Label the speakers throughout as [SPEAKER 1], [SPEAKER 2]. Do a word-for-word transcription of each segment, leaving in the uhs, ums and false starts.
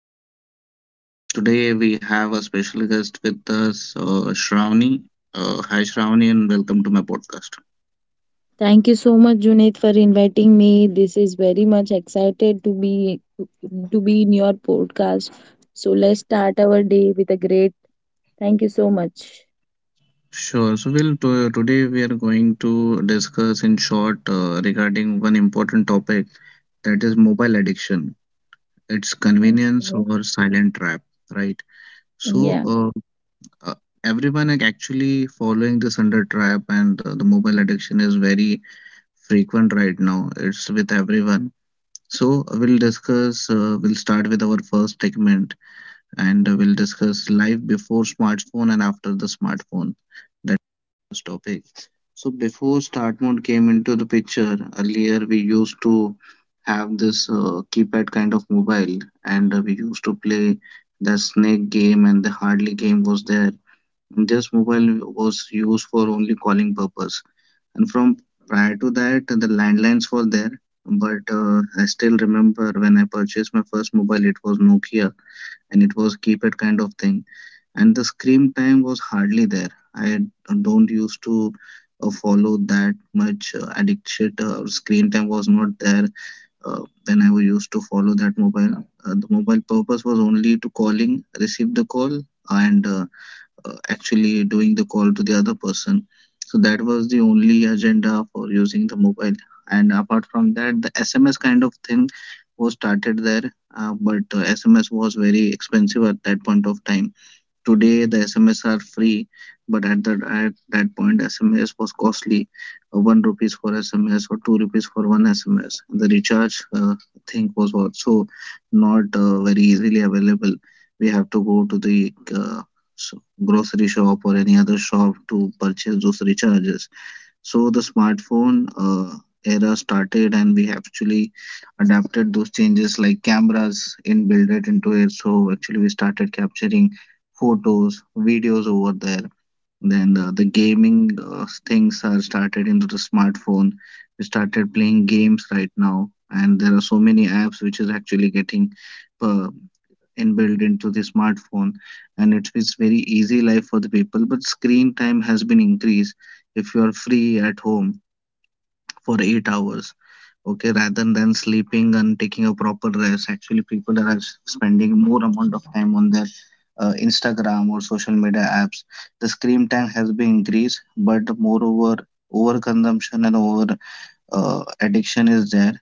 [SPEAKER 1] your host Junaid. Welcome to my podcast. Today we have a special guest with us, uh, Shravani. Uh, hi, Shravani, and welcome to my
[SPEAKER 2] Thank you so much,
[SPEAKER 1] podcast.
[SPEAKER 2] Junaid, for inviting me. This is very much excited to be to be in your podcast. So let's start our day with a great. Thank you so much.
[SPEAKER 1] Sure. So, we'll t- today we are going to discuss in short uh, regarding one important topic that is mobile addiction.
[SPEAKER 2] Okay.
[SPEAKER 1] It's convenience or silent
[SPEAKER 2] Yeah.
[SPEAKER 1] trap, right? So, uh, uh, Everyone ac- actually following this under trap, and uh, the mobile addiction is very frequent right now. It's with everyone. So we'll discuss. Uh, we'll start with our first segment, and uh, we'll discuss life before smartphone and after the smartphone. That's the first topic. So before start mode came into the picture, earlier we used to have this uh, keypad kind of mobile, and uh, we used to play the snake game and the hardly game was there. This mobile was used for only calling purpose, and from prior to that the landlines were there, but uh, I still remember when I purchased my first mobile, it was nokia and it was keypad kind of thing, and the screen time was hardly there. I don't used to uh, follow that much uh, addiction. Uh, screen time was not there. uh, when I was used to follow that mobile, uh, the mobile purpose was only to calling, receive the call, and uh, uh, actually doing the call to the other person. So that was the only agenda for using the mobile, and apart from that, the sms kind of thing was started there. Uh, but uh, sms was very expensive at that point of time. Today the sms are free, but at that at that point sms was costly. uh, one rupees for sms or two rupees for one sms, and the recharge uh, thing was also not uh, very easily available. We have to go to the uh, grocery shop or any other shop to purchase those recharges. So the smartphone uh, era started, and we actually adapted those changes like cameras inbuilt it into it. So actually, we started capturing photos, videos over there. Then uh, the gaming uh, things are started into the smartphone. We started playing games right now, and there are so many apps which is actually getting uh, inbuilt into the smartphone, and it's, it's very easy life for the people. But screen time has been increased. If you are free at home for eight hours, okay, rather than sleeping and taking a proper rest, actually people are spending more amount of time on their uh, instagram or social media apps. The screen time has been increased, but moreover overconsumption and over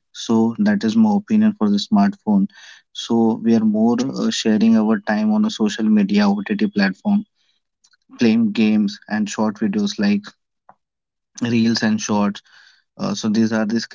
[SPEAKER 1] uh, addiction is there. So that is my opinion for the smartphone. So we are more uh, sharing our time on a social media ott platform, playing games and short videos like reels and shorts.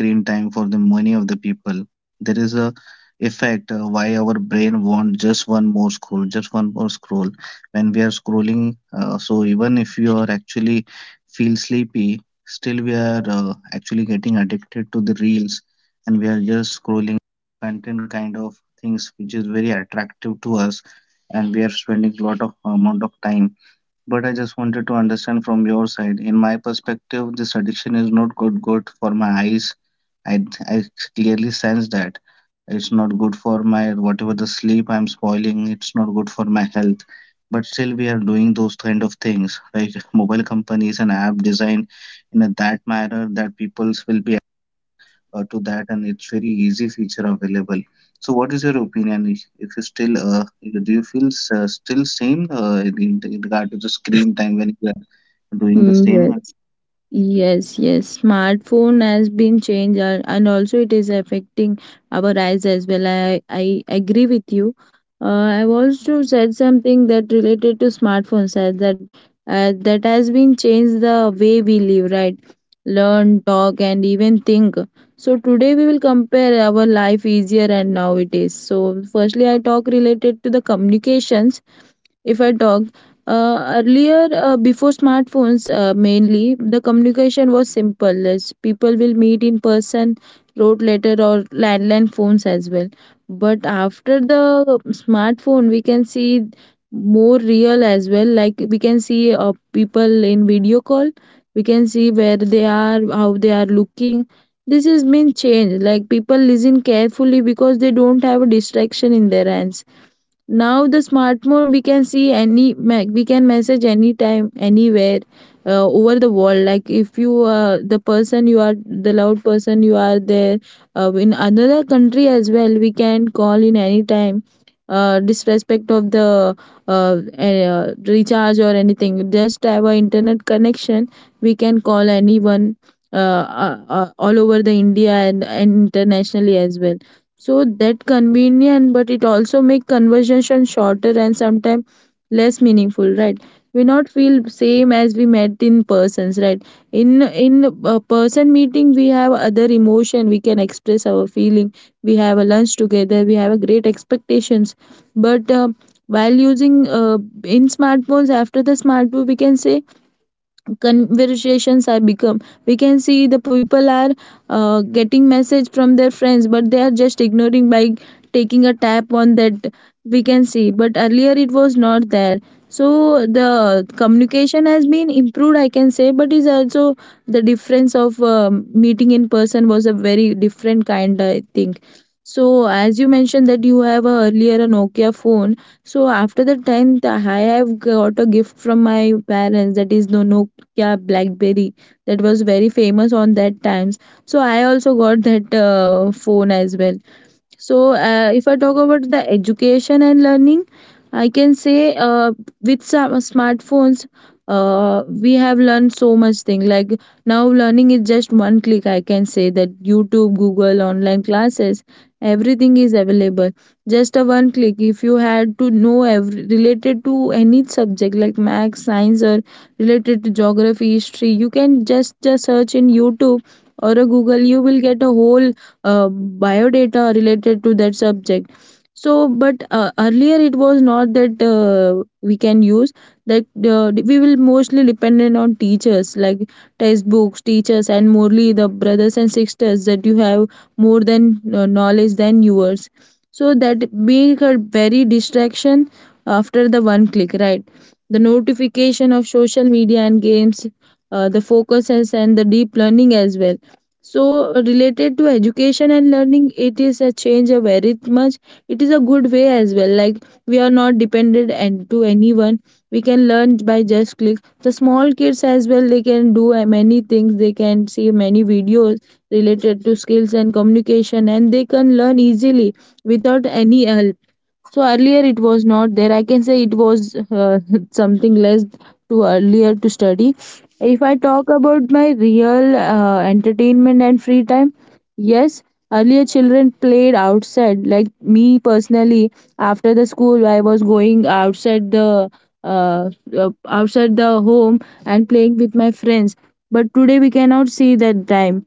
[SPEAKER 1] uh, So these are the screen time for the many of the people. There is a effect, uh, why our brain want just one more scroll, just one more scroll. When we are scrolling, uh, so even if you are actually feel sleepy, still we are uh, actually getting addicted to the reels, and we are just scrolling content kind of things which is very attractive to us, and we are spending a lot of amount of time. But I just wanted to understand from your side. In my perspective, this addiction is not good good for my eyes. I I clearly sense that it's not good for my, whatever the sleep I'm spoiling. It's not good for my health. But still, we are doing those kind of things. Like mobile companies and app designed in a that manner that people's will be uh, to that, and it's very easy feature available. So what is your opinion, if, if you still uh, do you feel uh, still same uh, in, in regard to the screen time when you are
[SPEAKER 2] Mm, yes.
[SPEAKER 1] doing the same?
[SPEAKER 2] Yes, yes, smartphone has been changed, uh, and also it is affecting our eyes as well. I, I agree with you. Uh, I've also said something that related to smartphones, as that uh, that has been changed the way we live, right? Learn, talk, and even think. So today we will compare our life easier and now it is. So firstly, I talk related to the communications. If I talk uh, Earlier, uh, before smartphones, uh, mainly the communication was simple as people will meet in person, wrote letter or landline phones as well. But after the smartphone we can see more real as well. Like, we can see, uh, people in video call, we can see where they are, how they are looking. This has been changed. Like, people listen carefully because they don't have a distraction in their hands. Now the smartphone, we can see any me- we can message anytime, anywhere, uh, over the world. Like, if you, uh, the person you are, the loud person you are there, uh, in another country as well, we can call in anytime, uh, disrespect of the uh, uh, recharge or anything. Just have a internet connection, we can call anyone, uh, uh, uh, all over the India, and, and internationally as well. So that convenient, but it also make conversation shorter and sometimes less meaningful, right? We not feel same as we met in persons, right? In in a person meeting, we have other emotion, we can express our feeling, we have a lunch together, we have a great expectations. But uh, while using uh, in smartphones, after the smartphone we can say conversations are become, we can see the people are uh, getting message from their friends, but they are just ignoring by taking a tap on that, we can see. But earlier it was not there. So the communication has been improved, I can say, but is also the difference of um, meeting in person was a very different kind, I think. So as you mentioned that you have a, earlier a Nokia phone, so after the tenth, I have got a gift from my parents, that is Nokia Blackberry. That was very famous on that times. So I also got that uh, phone as well. So, uh, if I talk about the education and learning, I can say, uh, with some smartphones, uh, we have learned so much thing. Like, now, learning is just one click. I can say that YouTube, Google, online classes, everything is available. Just a one click. If you had to know every, related to any subject like math, science, or related to geography, history, you can just, just search in YouTube or a Google. You will get a whole uh, biodata related to that subject. So but uh, earlier it was not that uh, we can use that, uh, we will mostly dependent on teachers. Like textbooks, teachers, and morely the brothers and sisters that you have more than, uh, knowledge than yours. So that being a very distraction after the one click, right? The notification of social media and games, uh, the focuses and the deep learning as well. So related to education and learning, it is a change a very much. It is a good way as well. Like, we are not dependent and to anyone, we can learn by just click. The small kids as well, they can do, uh, many things, they can see many videos related to skills and communication, and they can learn easily without any help. So earlier it was not there, I can say. It was uh, something less to earlier to study. If I talk about my real, uh, entertainment and free time, yes, earlier children played outside. Like, me personally, after the school, I was going outside the uh, uh, outside the home, and playing with my friends. But today we cannot see that time.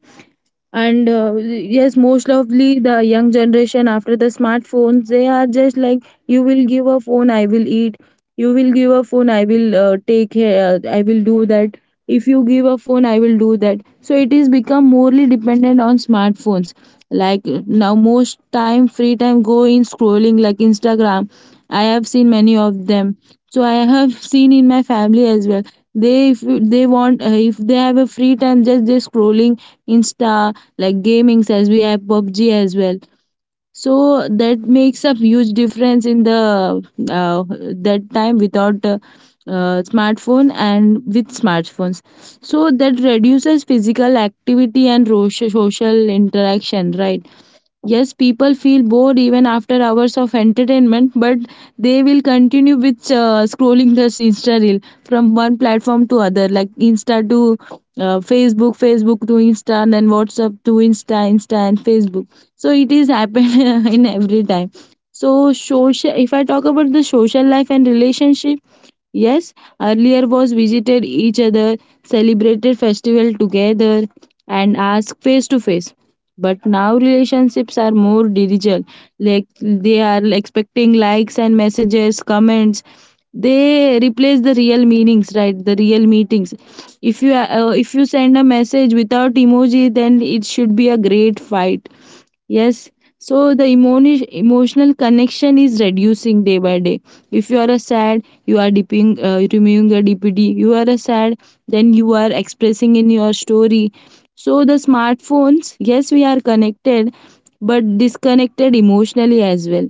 [SPEAKER 2] And uh, yes, most lovely the young generation, after the smartphones, they are just like, you will give a phone, I will eat; you will give a phone, I will uh, take care, uh, I will do that; if you give a phone, I will do that. So it is become morely dependent on smartphones. Like, now most time free time go in scrolling, like Instagram. I have seen many of them. So I have seen in my family as well. They, if they want, uh, if they have a free time, just they scrolling Insta, like gamings, as we have P U B G as well. So that makes a huge difference in the uh, that time without, uh, uh, smartphone and with smartphones. So that reduces physical activity and ro- social interaction, right? Yes, people feel bored even after hours of entertainment, but they will continue with, uh, scrolling this Insta reel from one platform to other, like Insta to, uh, Facebook, Facebook to Insta, and then WhatsApp to Insta, Insta and Facebook. So it is happen in every time. So social. If I talk about the social life and relationship, yes, earlier was visited each other, celebrated festival together, and asked face to face, but now relationships are more digital. Like, they are expecting likes and messages, comments. They replace the real meanings, right, the real meetings. If you, uh, if you send a message without emoji, then it should be a great fight. Yes, so the emoni- emotional connection is reducing day by day. If you are a sad, you are dipping, uh, removing your D P D. You are a sad, then you are expressing in your story. So the smartphones, yes, we are connected, but disconnected emotionally as well.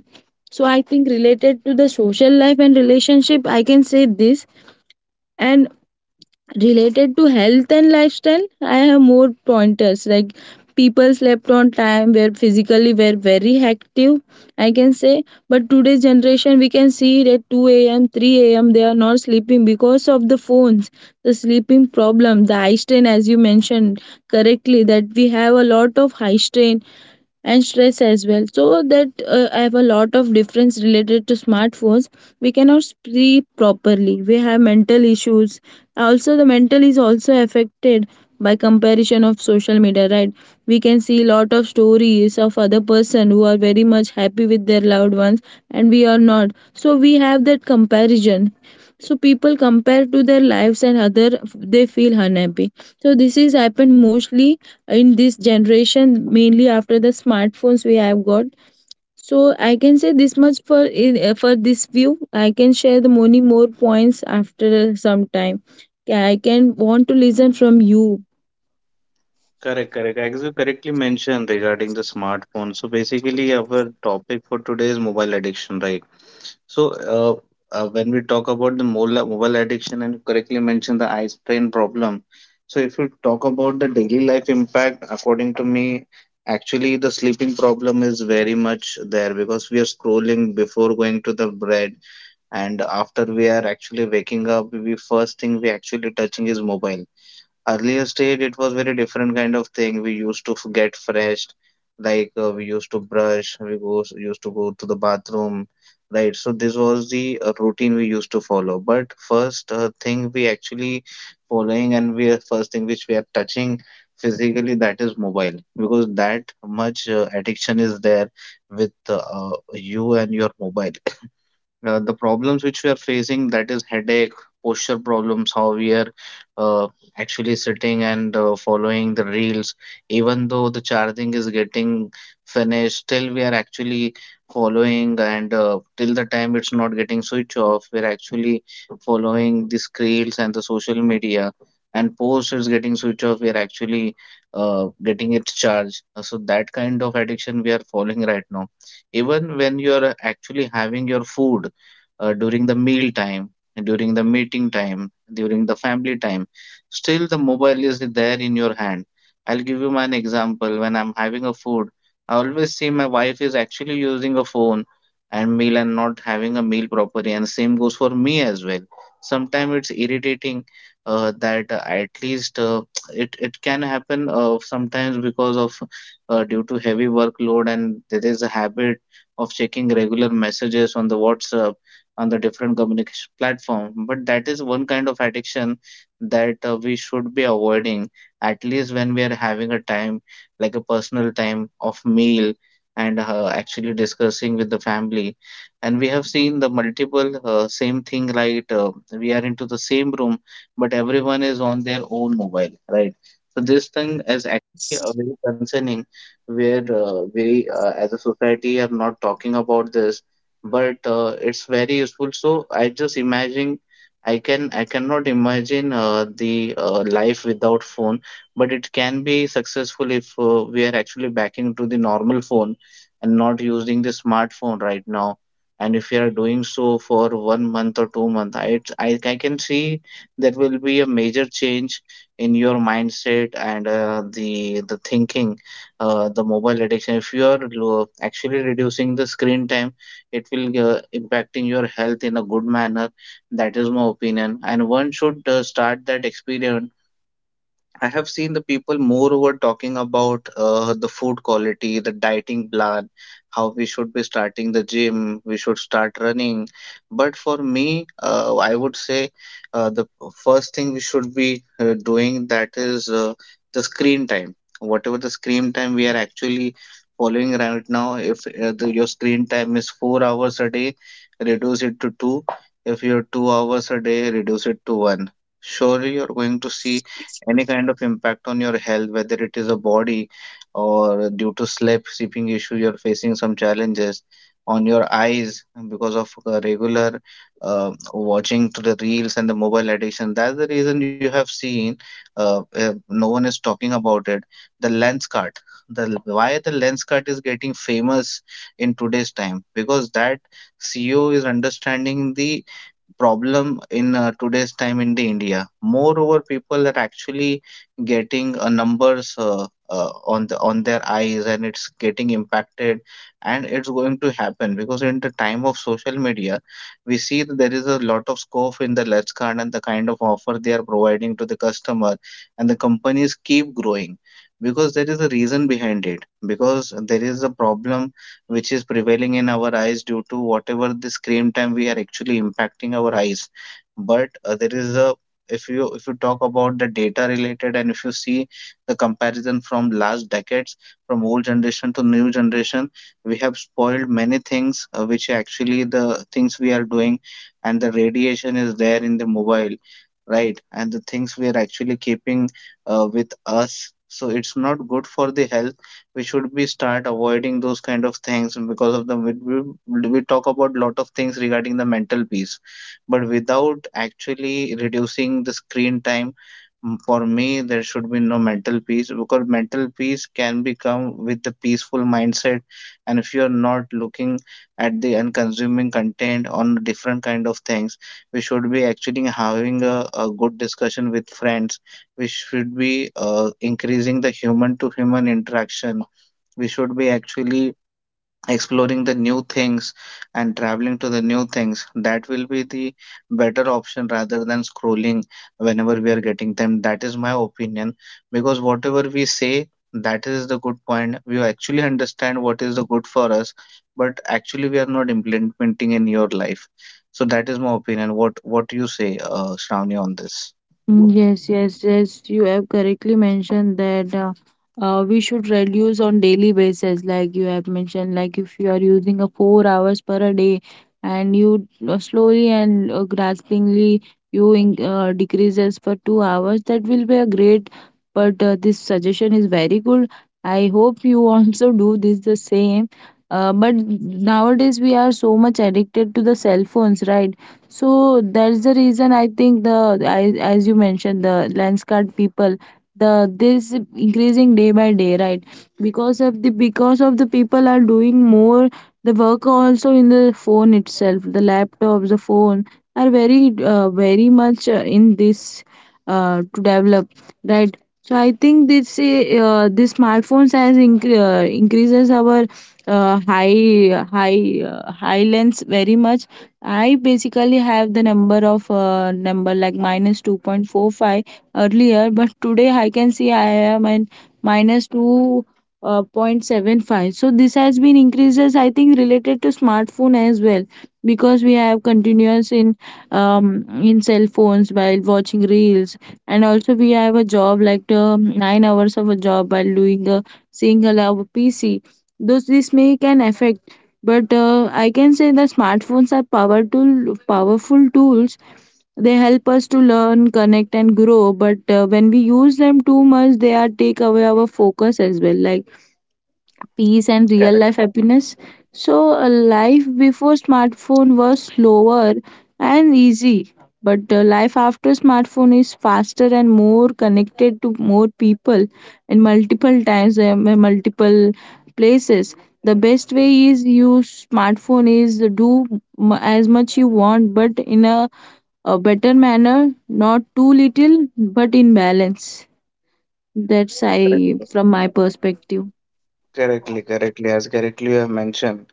[SPEAKER 2] So I think related to the social life and relationship, I can say this. And related to health and lifestyle, I have more pointers. Like, people slept on time, were physically were very active, I can say. But today's generation, we can see it at two a.m, three a.m, they are not sleeping because of the phones. The sleeping problem, the eye strain, as you mentioned correctly, that we have a lot of high strain and stress as well. So that, uh, I have a lot of difference related to smartphones. We cannot sleep properly, we have mental issues. Also the mental is also affected by comparison of social media, right? We can see lot of stories of other person who are very much happy with their loved ones, and we are not, so we have that comparison. So people compare to their lives and other, they feel unhappy. So this is happened mostly in this generation, mainly after the smartphones we have got. So I can say this much for in, uh, for this view. I can share the many more points after some time. I can want to listen from you.
[SPEAKER 1] Correct, correct. As you correctly mentioned regarding the smartphone, so basically our topic for today is mobile addiction, right? So uh, uh, when we talk about the mobile mobile addiction and correctly mentioned the eye strain problem, so if you talk about the daily life impact, according to me, actually the sleeping problem is very much there because we are scrolling before going to the bed, and after we are actually waking up, we first thing we actually touching is mobile. Earlier stage, it was very different kind of thing. We used to f- get fresh, like uh, we used to brush, we go, used to go to the bathroom, right? So this was the uh, routine we used to follow. But first uh, thing we actually following, and we are first thing which we are touching physically, that is mobile because that much uh, addiction is there with uh, you and your mobile. Uh, the problems which we are facing, that is headache, posture problems, how we are uh, actually sitting and uh, following the reels. Even though the charging is getting finished, still we are actually following, and uh, till the time it's not getting switched off, we're actually following these reels and the social media, and post is getting switched off, we're actually uh, getting its charge. Uh, so that kind of addiction we are following right now, even when you're actually having your food, uh, during the meal time, during the meeting time, during the family time. Still, the mobile is there in your hand. I'll give you an example. When I'm having a food, I always see my wife is actually using a phone and meal, and not having a meal properly. And same goes for me as well. Sometimes it's irritating, uh, that uh, at least uh, it it can happen uh, sometimes because of, uh, due to heavy workload, and there is a habit of checking regular messages on the WhatsApp, on the different communication platform. But that is one kind of addiction that uh, we should be avoiding, at least when we are having a time like a personal time of meal, and uh, actually discussing with the family. And we have seen the multiple uh, same thing, right? Uh, we are into the same room, but everyone is on their own mobile, right? So this thing is actually uh,
[SPEAKER 2] Yes.
[SPEAKER 1] very concerning, where uh, we uh, as a society are not talking about this, but uh, it's very useful. So I just imagine, I can I cannot imagine uh, the uh, life without phone, but it can be successful if uh, we are actually backing to the normal phone and not using the smartphone right now. And if we are doing so for one month or two months, I, I I can see there will be a major change in your mindset and uh, the the thinking, uh, the mobile addiction. If you are lo- actually reducing the screen time, it will uh, impacting your health in a good manner. That is my opinion, and one should uh, start that experience. I have seen the people moreover talking about uh, the food quality, the dieting plan, how we should be starting the gym, we should start running. But for me, uh, I would say uh, the first thing we should be uh, doing, that is uh, the screen time. Whatever the screen time we are actually following right now, if uh, the, your screen time is four hours a day, reduce it to two. If you're two hours a day, reduce it to one. Surely you're going to see any kind of impact on your health, whether it is a body or due to sleep, sleeping issue, you're facing some challenges on your eyes because of uh, regular uh, watching to the reels and the mobile addiction. That's the reason you have seen uh, uh, no one is talking about it. The lens cut, the why the lens cut is getting famous in today's time, because that C E O is understanding the problem in uh, today's time in the India. Moreover, people are actually getting uh, numbers uh, uh, on the on their eyes, and it's getting impacted, and it's going to happen because in the time of social media, we see that there is a lot of scope in the Let's Card and the kind of offer they are providing to the customer, and the companies keep growing because there is a reason behind it, because there is a problem which is prevailing in our eyes due to whatever the screen time we are actually impacting our eyes. But uh, there is a if you if you talk about the data related, and if you see the comparison from last decades, from old generation to new generation, we have spoiled many things, uh, which actually the things we are doing, and the radiation is there in the mobile, right? And the things we are actually keeping uh, with us, so it's not good for the health. We should be start avoiding those kind of things because of the we, we we talk about lot of things regarding the mental peace but without actually reducing the screen time. Mm, for me, there should be no mental peace, because mental peace can become with the peaceful mindset. And if you're not looking at the and consuming content on different kind of things, we should be actually having a, a good discussion with friends. We should be uh, increasing the human to human interaction. We should be actually exploring the new things and traveling to the new things. That will be the better option rather than scrolling whenever we are getting them. That is my opinion. Because whatever we say, that is the good point, we actually understand what is the good for us, but actually we are not implementing in your life. So that is my opinion. What what do you say, uh, Shravani, on this?
[SPEAKER 2] Mm, Yes, yes, yes, you have correctly mentioned that, uh, uh, we should reduce on daily basis. Like you have mentioned, like if you are using a four hours per a day, and you, uh, slowly and, uh, graspingly you in, uh, decreases for two hours, that will be a great. But uh, this suggestion is very good. I hope you also do this the same. Uh, but nowadays we are so much addicted to the cell phones, right? So that's the reason I think the as, as you mentioned the landscape people, the this increasing day by day, right? Because of the because of the people are doing more, the work also in the phone itself, the laptops, the phone are very, uh, very much, uh, in this, uh, to develop, right? So I think this, uh, this smartphones has incre- uh, increases our, uh, high high uh, high lens very much. I basically have the number of, uh, number like minus two point four five earlier, but today I can see I am at minus two point seven five. So this has been increases, I think, related to smartphone as well, because we have continuous in, um, in cell phones while watching reels, and also we have a job like, um, nine hours of a job while doing a single hour P C. Those this may can affect. But uh, I can say the smartphones are powerful powerful tools. They help us to learn, connect and grow. But uh, when we use them too much, they are take away our focus as well, like peace and real life
[SPEAKER 1] Correct,
[SPEAKER 2] happiness. So, uh, life before smartphone was slower and easy, but uh, life after smartphone is faster and more connected to more people in multiple times and multiple places. The best way is use smartphone is do m- as much you want, but in a, a better manner, not too little, but in balance. That's
[SPEAKER 1] correct.
[SPEAKER 2] I from my perspective.
[SPEAKER 1] Correctly, correctly, as correctly you have mentioned.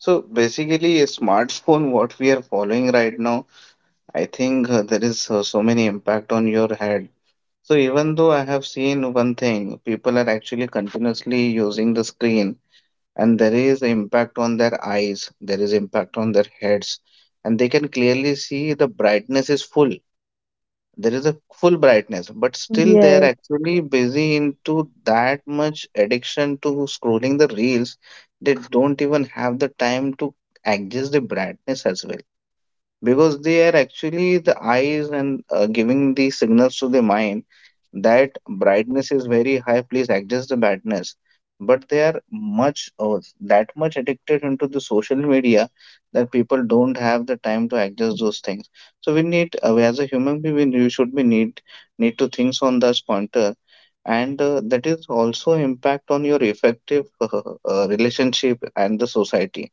[SPEAKER 1] So basically, a smartphone, what we are following right now, I think uh, there is uh, so many impact on your head. So even though I have seen one thing, people are actually continuously using the screen, and there is impact on their eyes, there is impact on their heads, and they can clearly see the brightness is full. There is a full brightness, but still they are
[SPEAKER 2] Yes,
[SPEAKER 1] actually busy into that much addiction to scrolling the reels. They don't even have the time to adjust the brightness as well, because they are actually the eyes and uh, giving the signals to the mind that brightness is very high, please adjust the brightness, but they are much uh, that much addicted into the social media that people don't have the time to adjust those things. So we need, uh, as a human being, we we should be need need to think on this pointer. And uh, that is also impact on your effective uh, relationship and the society.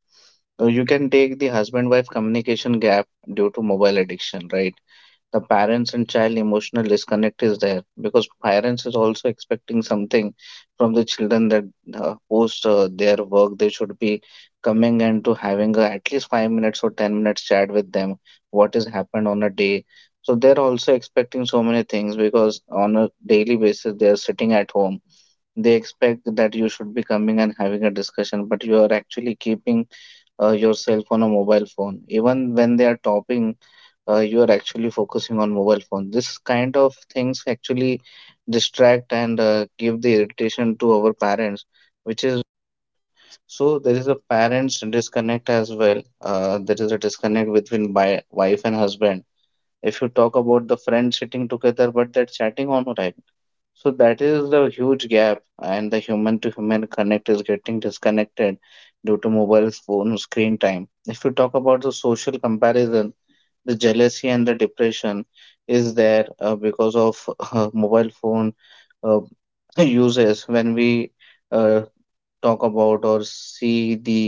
[SPEAKER 1] uh, You can take the husband wife communication gap due to mobile addiction, right? The parents and child emotional disconnect is there because parents is also expecting something from the children that uh, post uh, their work they should be coming and to having a, at least five minutes or ten minutes chat with them what has happened on a day. So they're also expecting so many things because on a daily basis they are sitting at home. They expect that you should be coming and having a discussion, but you are actually keeping uh, yourself on a mobile phone. Even when they are talking, uh, you are actually focusing on mobile phone. This kind of things actually distract and uh, give the irritation to our parents, which is so there is a parents disconnect as well. Uh, there is a disconnect between bi- wife and husband. If you talk about the friends sitting together but they're chatting online, so that is the huge gap, and the human to human connect is getting disconnected due to mobile phone screen time. If you talk about the social comparison, the jealousy and the depression is there, uh, because of uh, mobile phone uh, uses, when we uh, talk about or see the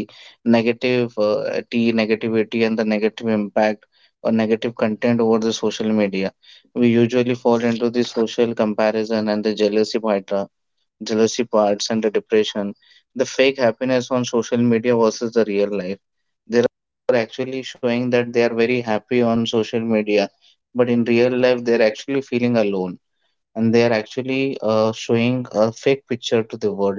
[SPEAKER 1] negative uh, t negativity and the negative impact or negative content over the social media. We usually fall into the social comparison and the jealousy part, uh, jealousy parts and the depression, the fake happiness on social media versus the real life. There are actually showing that they are very happy on social media, but in real life they're actually feeling alone, and they are actually uh, showing a fake picture to the world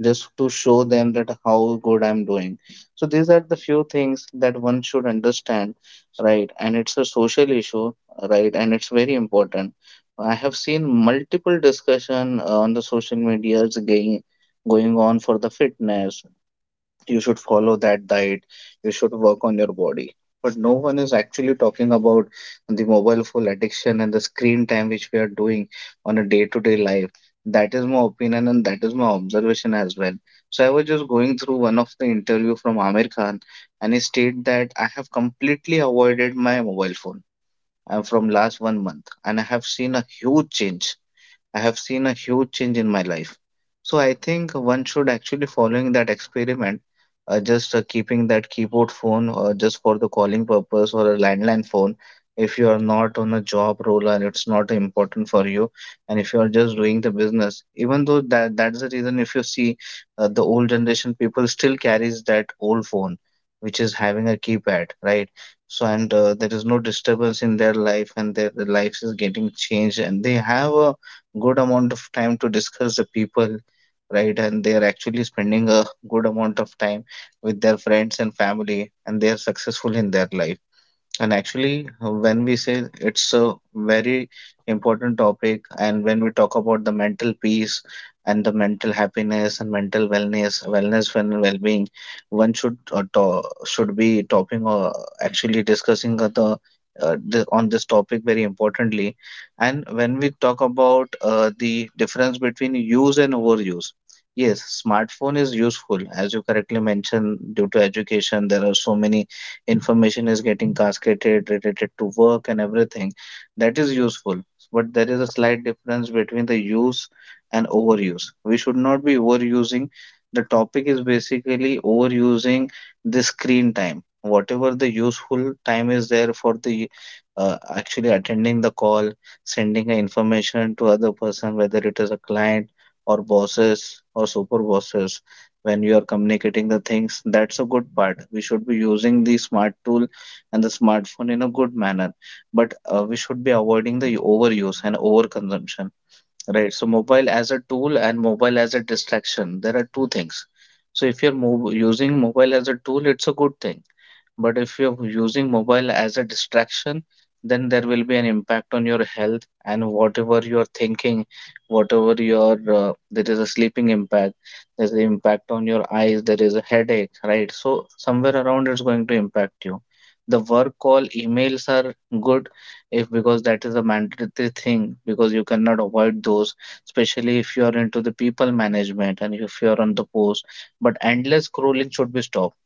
[SPEAKER 1] just to show them that how good I'm doing. So these are the few things that one should understand, right? And it's a social issue, right? And it's very important. I have seen multiple discussion uh, on the social medias going going on for the fitness, you should follow that diet, you should work on your body, but no one is actually talking about the mobile phone addiction and the screen time which we are doing on a day to day life. That is my opinion, and that is my observation as well. So I was just going through one of the interview from Amir Khan, and he stated that I have completely avoided my mobile phone uh, from last one month and I have seen a huge change. I have seen a huge change in my life. So I think one should actually following that experiment, uh, just uh, keeping that keyboard phone uh, just for the calling purpose or a landline phone. If you are not on a job role and it's not important for you, and if you are just doing the business, even though that that's the reason. If you see uh, the old generation people still carries that old phone, which is having a keypad, right? So and uh, there is no disturbance in their life, and their lives is getting changed, and they have a good amount of time to discuss the people, right? And they are actually spending a good amount of time with their friends and family, and they are successful in their life. And actually, when we say it's a very important topic, and when we talk about the mental peace and the mental happiness and mental wellness, wellness and well-being, one should uh, to should be talking or actually discussing uh, the uh, the on this topic very importantly. And when we talk about uh, the difference between use and overuse. Yes, smartphone is useful, as you correctly mentioned. Due to education, there are so many information is getting cascaded related to work and everything, that is useful, but there is a slight difference between the use and overuse. We should not be overusing. The topic is basically overusing the screen time, whatever the useful time is there for the uh, actually attending the call, sending information to other person, whether it is a client or bosses or super bosses, when you are communicating the things. That's a good part. We should be using the smart tool and the smartphone in a good manner, but uh, we should be avoiding the overuse and overconsumption, right? So mobile as a tool and mobile as a distraction, there are two things. So if you're mo using mobile as a tool, it's a good thing, but if you're using mobile as a distraction, then there will be an impact on your health and whatever you're thinking, whatever your uh, there is a sleeping impact, there's the impact on your eyes, there is a headache, right? So somewhere around it's going to impact you. The work call emails are good if, because that is a mandatory thing, because you cannot avoid those, especially if you are into the people management and if you are on the post. But endless scrolling should be stopped.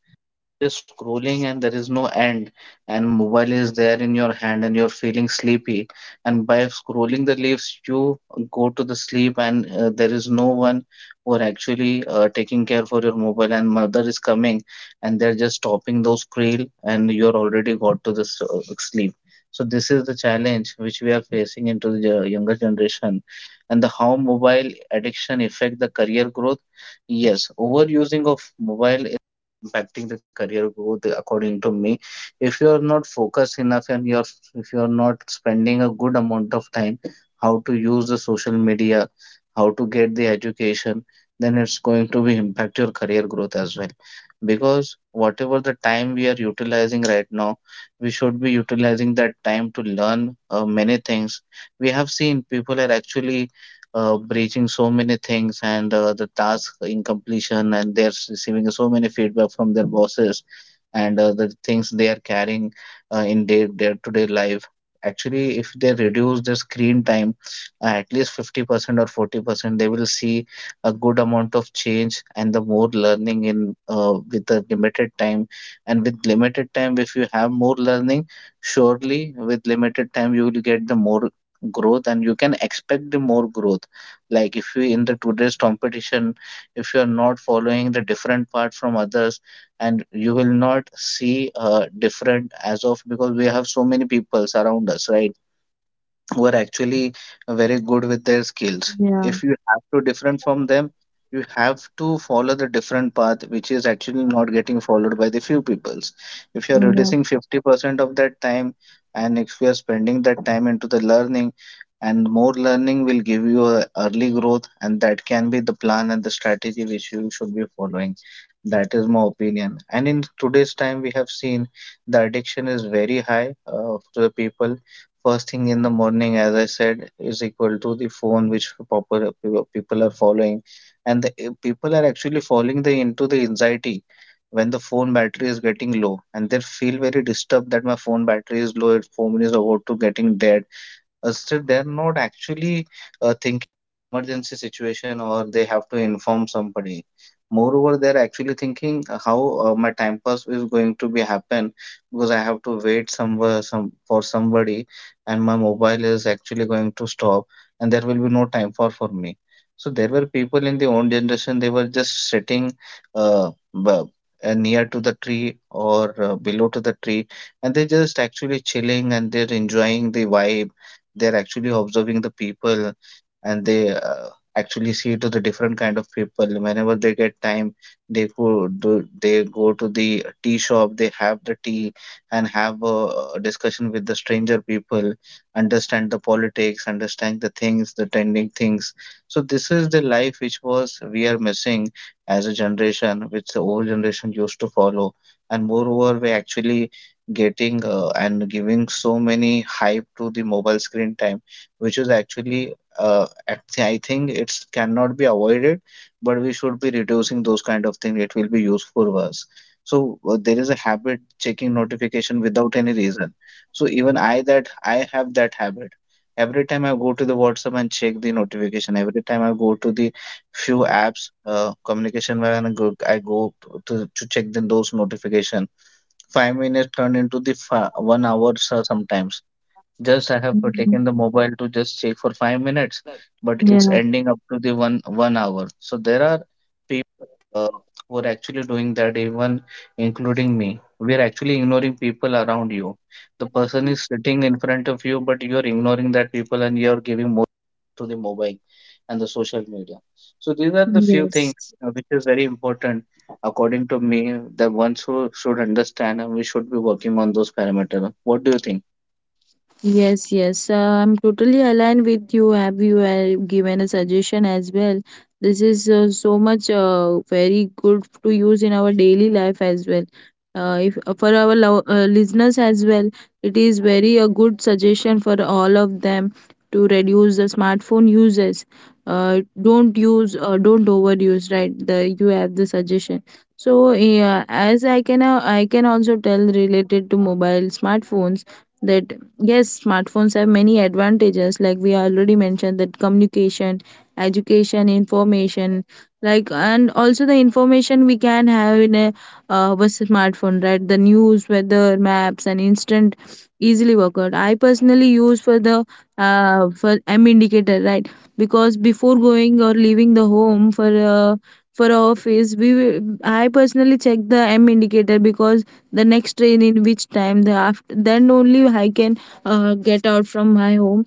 [SPEAKER 1] Just scrolling and there is no end, and mobile is there in your hand, and you're feeling sleepy, and by scrolling the leaves you go to the sleep, and uh, there is no one who are actually uh, taking care for your mobile, and mother is coming and they're just stopping those scroll, and you're already got to this uh, sleep. So this is the challenge which we are facing into the yo- younger generation. And the how mobile addiction affect the career growth? Yes, overusing of mobile impacting the career growth, according to me. If you are not focused enough, and you're if you are not spending a good amount of time how to use the social media, how to get the education, then it's going to be impact your career growth as well. Because whatever the time we are utilizing right now, we should be utilizing that time to learn uh, many things. We have seen people are actually uh, breaching so many things, and uh, the task incompletion, and they're receiving so many feedback from their bosses, and uh, the things they are carrying uh, in their day-to-day life. Actually, if they reduce the screen time uh, at least fifty percent or forty percent, they will see a good amount of change and the more learning in uh, with the limited time. And with limited time, if you have more learning, surely with limited time you will get the more growth, and you can expect the more growth. Like, if you in the today's competition, if you are not following the different part from others, and you will not see uh, different as of. Because we have so many people around us, right, were actually very good with their skills.
[SPEAKER 2] yeah.
[SPEAKER 1] If you have to different from them, you have to follow the different path, which is actually not getting followed by the few peoples. If you're
[SPEAKER 2] Mm,
[SPEAKER 1] reducing fifty percent of that time, and if you're spending that time into the learning, and more learning will give you a early growth, and that can be the plan and the strategy which you should be following. That is my opinion. And in today's time, we have seen the addiction is very high uh, to the people. First thing in the morning, as I said, is equal to the phone which popular people are following, and the, eh, people are actually falling the, into the anxiety when the phone battery is getting low, and they feel very disturbed that my phone battery is low. It phone is about to getting dead, uh, still they're not actually uh, thinking emergency situation or they have to inform somebody. Moreover, they're actually thinking uh, how uh, my time pass is going to be happen because I have to wait somewhere some for somebody and my mobile is actually going to stop and there will be no time for for me. So there were people in the old generation they were just sitting uh, bu- uh, near to the tree or uh, below to the tree and they just actually chilling and they're enjoying the vibe, they're actually observing the people and they uh, actually see to the different kind of people whenever they get time, they go do they go to the tea shop, they have the tea and have a discussion with the stranger people, understand the politics, understand the things, the trending things. So this is the life which was we are missing as a generation which the old generation used to follow. And moreover we actually getting uh, and giving so many hype to the mobile screen time, which is actually uh, act- I think it's cannot be avoided, but we should be reducing those kind of things. It will be useful for us. So uh, there is a habit checking notification without any reason. So even I that I have that habit. Every time I go to the WhatsApp and check the notification, every time I go to the few apps, uh, communication where I go, I go to, to check the, those notification, five minutes turn into the fa- one hour so sometimes. Just I have
[SPEAKER 2] mhm.
[SPEAKER 1] taken the mobile to just check for five minutes, but it's
[SPEAKER 2] Yeah.
[SPEAKER 1] ending up to the one one hour. So there are were actually doing that, even including me. We are actually ignoring people around you. The person is sitting in front of you, but you are ignoring that people and you are giving more to the mobile and the social media. So these are the few things
[SPEAKER 2] Yes.
[SPEAKER 1] uh, which is very important according to me that one should, should understand and we should be working on those parameters. What do you think?
[SPEAKER 2] Yes, yes, uh, I'm totally aligned with you. Have you uh, given a suggestion as well? This is uh, so much uh, very good to use in our daily life as well. Uh, if uh, for our lo- uh, listeners as well, it is very a good suggestion for all of them to reduce the smartphone uses. Uh, don't use, uh, don't overuse. Right, the you have the suggestion. So yeah, as I can, uh, I can also tell related to mobile smartphones that yes, smartphones have many advantages like we already mentioned: that communication, education, information, like, and also the information we can have in a, uh, our smartphone, right? The news, weather, maps, and instant easily work out. I personally use for the uh, for m indicator, right? Because before going or leaving the home for uh, for office, we will- i personally check the m indicator because the next train in which time, the after then only I can uh, get out from my home.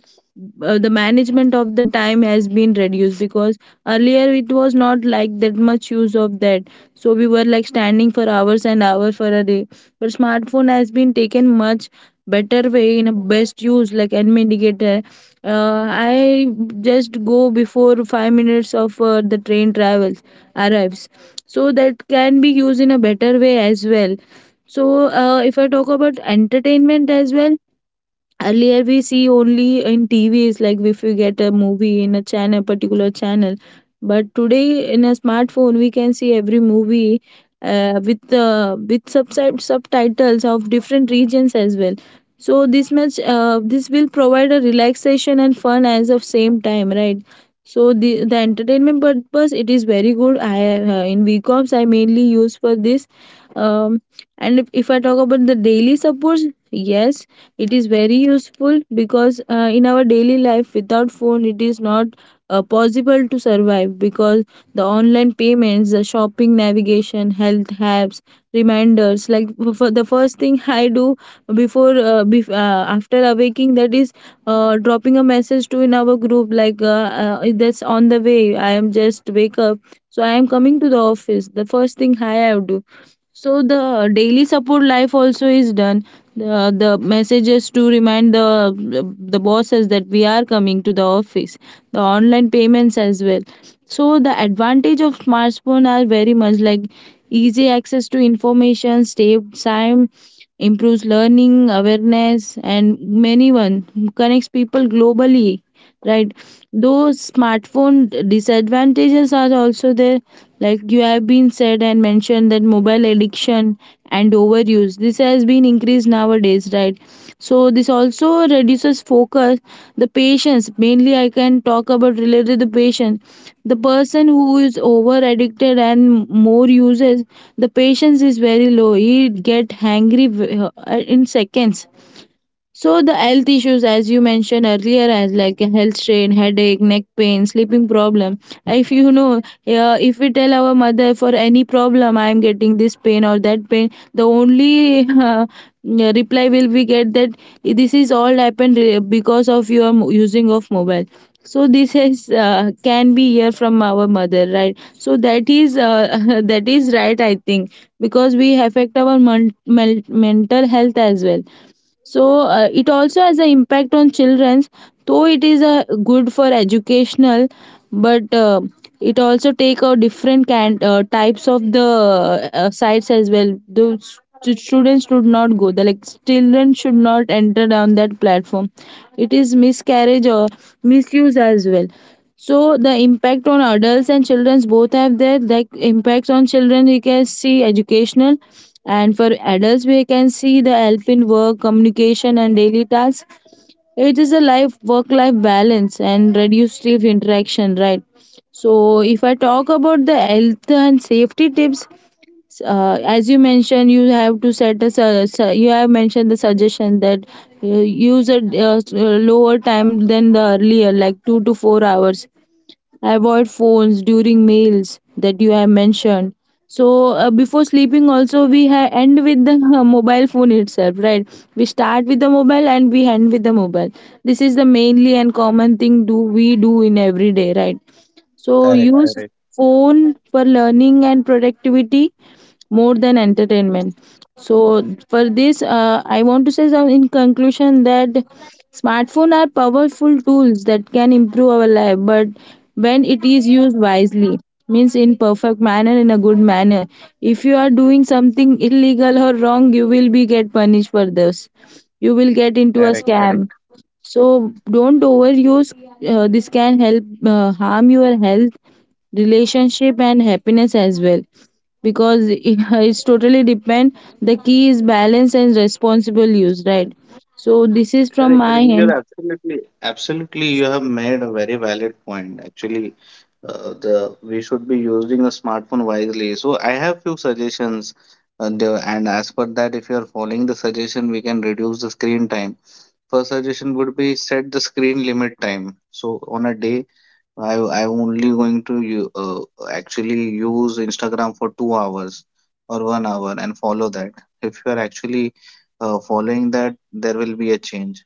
[SPEAKER 2] Uh, the management of the time has been reduced because earlier it was not like that much use of that. So we were like standing for hours and hours for a day, but smartphone has been taken much better way in a best use like an indicator. uh, I just go before five minutes of uh, the train travels arrives. So that can be used in a better way as well. So, uh, if I talk about entertainment as well, earlier we see only in T Vs, like if we get a movie in a channel, particular channel. But today in a smartphone, we can see every movie uh, with uh, with subset subtitles of different regions as well. So this much, uh, this will provide a relaxation and fun as of same time, right? So the the entertainment purpose, it is very good. I uh, in VCOMs I mainly use for this. Um, and if, if I talk about the daily supports, yes, it is very useful because uh, in our daily life without phone it is not uh, possible to survive because the online payments, the shopping, navigation, health apps, reminders, like f- for the first thing I do before uh, bef- uh, after awaking, that is uh, dropping a message to in our group, like, uh, uh, that's on the way, I am just wake up, so I am coming to the office, the first thing I have do. So the daily support life also is done. Uh, the messages to remind the the bosses that we are coming to the office. The online payments as well. So the advantage of smartphone are very much like easy access to information, saves time, improves learning awareness, and many one connects people globally. Right, those smartphone disadvantages are also there, like you have been said and mentioned that mobile addiction and overuse, this has been increased nowadays, right? So this also reduces focus, the patience. Mainly I can talk about related to the patient: the person who is over addicted and more uses, the patience is very low, he get hangry v- uh, in seconds. So the health issues, as you mentioned earlier, as like a health strain, headache, neck pain, sleeping problem. If you know, uh, if we tell our mother for any problem, I am getting this pain or that pain, the only uh, reply will we get that this is all happened uh, because of your mo- using of mobile. So this is uh, can be hear from our mother, right? So that is uh, that is right, I think, because we affect our mon- mel- mental health as well. So uh, it also has an impact on children, though it is uh, good for educational, but uh, it also take out different kind uh, types of the uh, sites as well. Those stu- students should not go the, like children should not enter down that platform. It is miscarriage or misuse as well. So the impact on adults and children, both have their like impacts. On children we can see educational, and for adults, we can see the help in work, communication, and daily tasks. It is a life work-life balance and reduced stress interaction, right? So, if I talk about the health and safety tips, uh, as you mentioned, you have to set a su- su- you have mentioned the suggestion that uh, use a uh, lower time than the earlier, like two to four hours, avoid phones during meals, that you have mentioned. So uh, before sleeping also we ha- end with the uh, mobile phone itself, right? We start with the mobile and we end with the mobile. This is the mainly and common thing do we do in every day, right? So use
[SPEAKER 1] Correct, correct,
[SPEAKER 2] phone for learning and productivity more than entertainment. So for this uh, I want to say some in conclusion that smartphone are powerful tools that can improve our life, but when it is used wisely, means in perfect manner, in a good manner. If you are doing something illegal or wrong, you will be get punished for this, you will get into a
[SPEAKER 1] correct,
[SPEAKER 2] scam.
[SPEAKER 1] correct.
[SPEAKER 2] So don't overuse. Uh, this can help uh, harm your health, relationship, and happiness as well. Because it, it's totally depend. The key is balance and responsible use, right? So this is from
[SPEAKER 1] Correct,
[SPEAKER 2] my
[SPEAKER 1] correct. You're
[SPEAKER 2] end.
[SPEAKER 1] absolutely, absolutely. You have made a very valid point. Actually, uh, the we should be using a smartphone wisely. So I have few suggestions, and, uh, and as per that, if you are following the suggestion, we can reduce the screen time. First suggestion would be set the screen limit time. So on a day, I I'm only going to you uh, actually use Instagram for two hours or one hour and follow that. If you are actually uh, following that, there will be a change.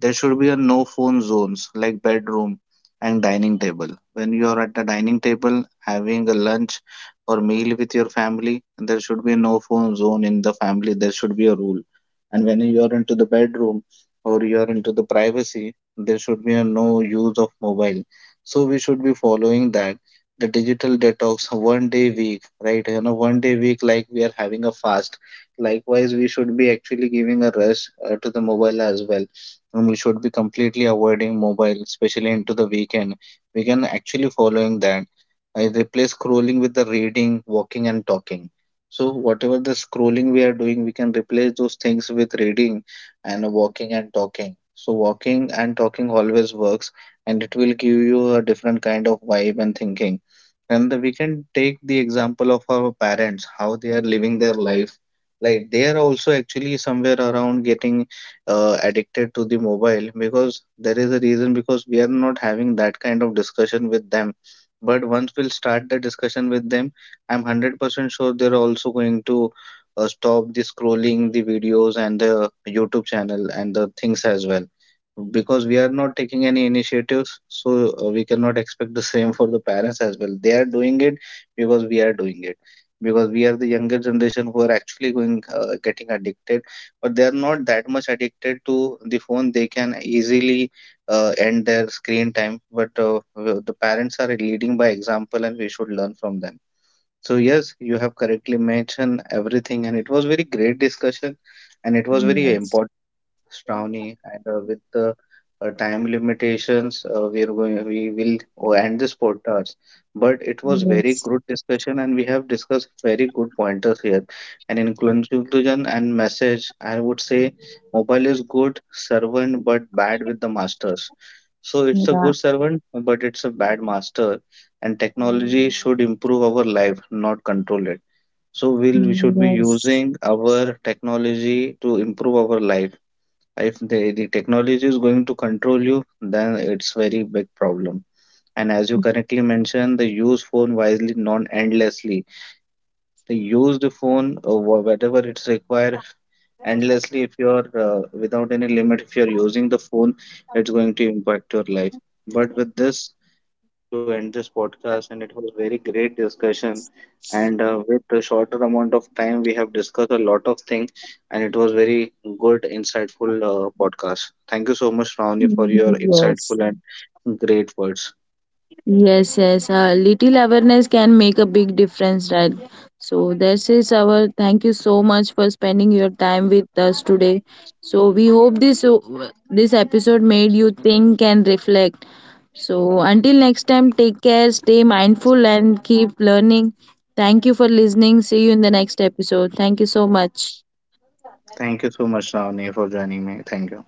[SPEAKER 1] There should be a no phone zones like bedroom and dining table. When you are at the dining table having a lunch or meal with your family, there should be no phone zone in the family. There should be a rule. And when you are into the bedroom, or you are into the privacy, there should be a no use of mobile. So we should be following that. The digital detox one day week, right? You know, one day week like we are having a fast. Likewise, we should be actually giving a rest uh, to the mobile as well. And we should be completely avoiding mobile, especially into the weekend. We can actually following that. I replace scrolling with the reading, walking and talking. So whatever the scrolling we are doing, we can replace those things with reading and walking and talking. So walking and talking always works, and it will give you a different kind of vibe and thinking. And we can take the example of our parents, how they are living their life. Like they are also actually somewhere around getting uh, addicted to the mobile because there is a reason because we are not having that kind of discussion with them. But once we'll start the discussion with them, I'm one hundred percent sure they're also going to uh, stop the scrolling the videos and the YouTube channel and the things as well because we are not taking any initiatives. So uh, we cannot expect the same for the parents as well. They are doing it because we are doing it, because we are the younger generation who are actually going uh, getting addicted. But they are not that much addicted to the phone. They can easily uh, end their screen time, but uh, the parents are leading by example and we should learn from them. So yes, you have correctly mentioned everything, and it was very great discussion, and it was very
[SPEAKER 2] Yes.
[SPEAKER 1] important. Shravani, and uh, with the uh, time limitations, uh, we are going we will oh, end this podcast. But it was very
[SPEAKER 2] Yes.
[SPEAKER 1] good discussion, and we have discussed very good pointers here. And in conclusion and message, I would say mobile is good servant, but bad with the masters. So it's a
[SPEAKER 2] Yeah.
[SPEAKER 1] good servant, but it's a bad master. And technology should improve our life, not control it. So we'll, we should be
[SPEAKER 2] Yes.
[SPEAKER 1] using our technology to improve our life. If the, the technology is going to control you, then it's very big problem. And as you correctly mentioned, the use phone wisely, not endlessly. The use the phone, uh, wh- whatever it's required. Endlessly if you're uh, without any limit if you're using the phone, it's going to impact your life. But with this, to end this podcast, and it was very great discussion. And uh, with the shorter amount of time, we have discussed a lot of things, and it was very good, insightful uh, podcast. Thank you so much, Ravani, for your
[SPEAKER 2] Yes.
[SPEAKER 1] insightful and great words.
[SPEAKER 2] Yes, yes, a little awareness can make a big difference, right? So this is our, thank you so much for spending your time with us today. So we hope this this episode made you think and reflect. So until next time, take care, stay mindful, and keep learning. Thank you for listening. See you in the next episode. Thank you so much.
[SPEAKER 1] Thank you so much, Ravani, for joining me. Thank you.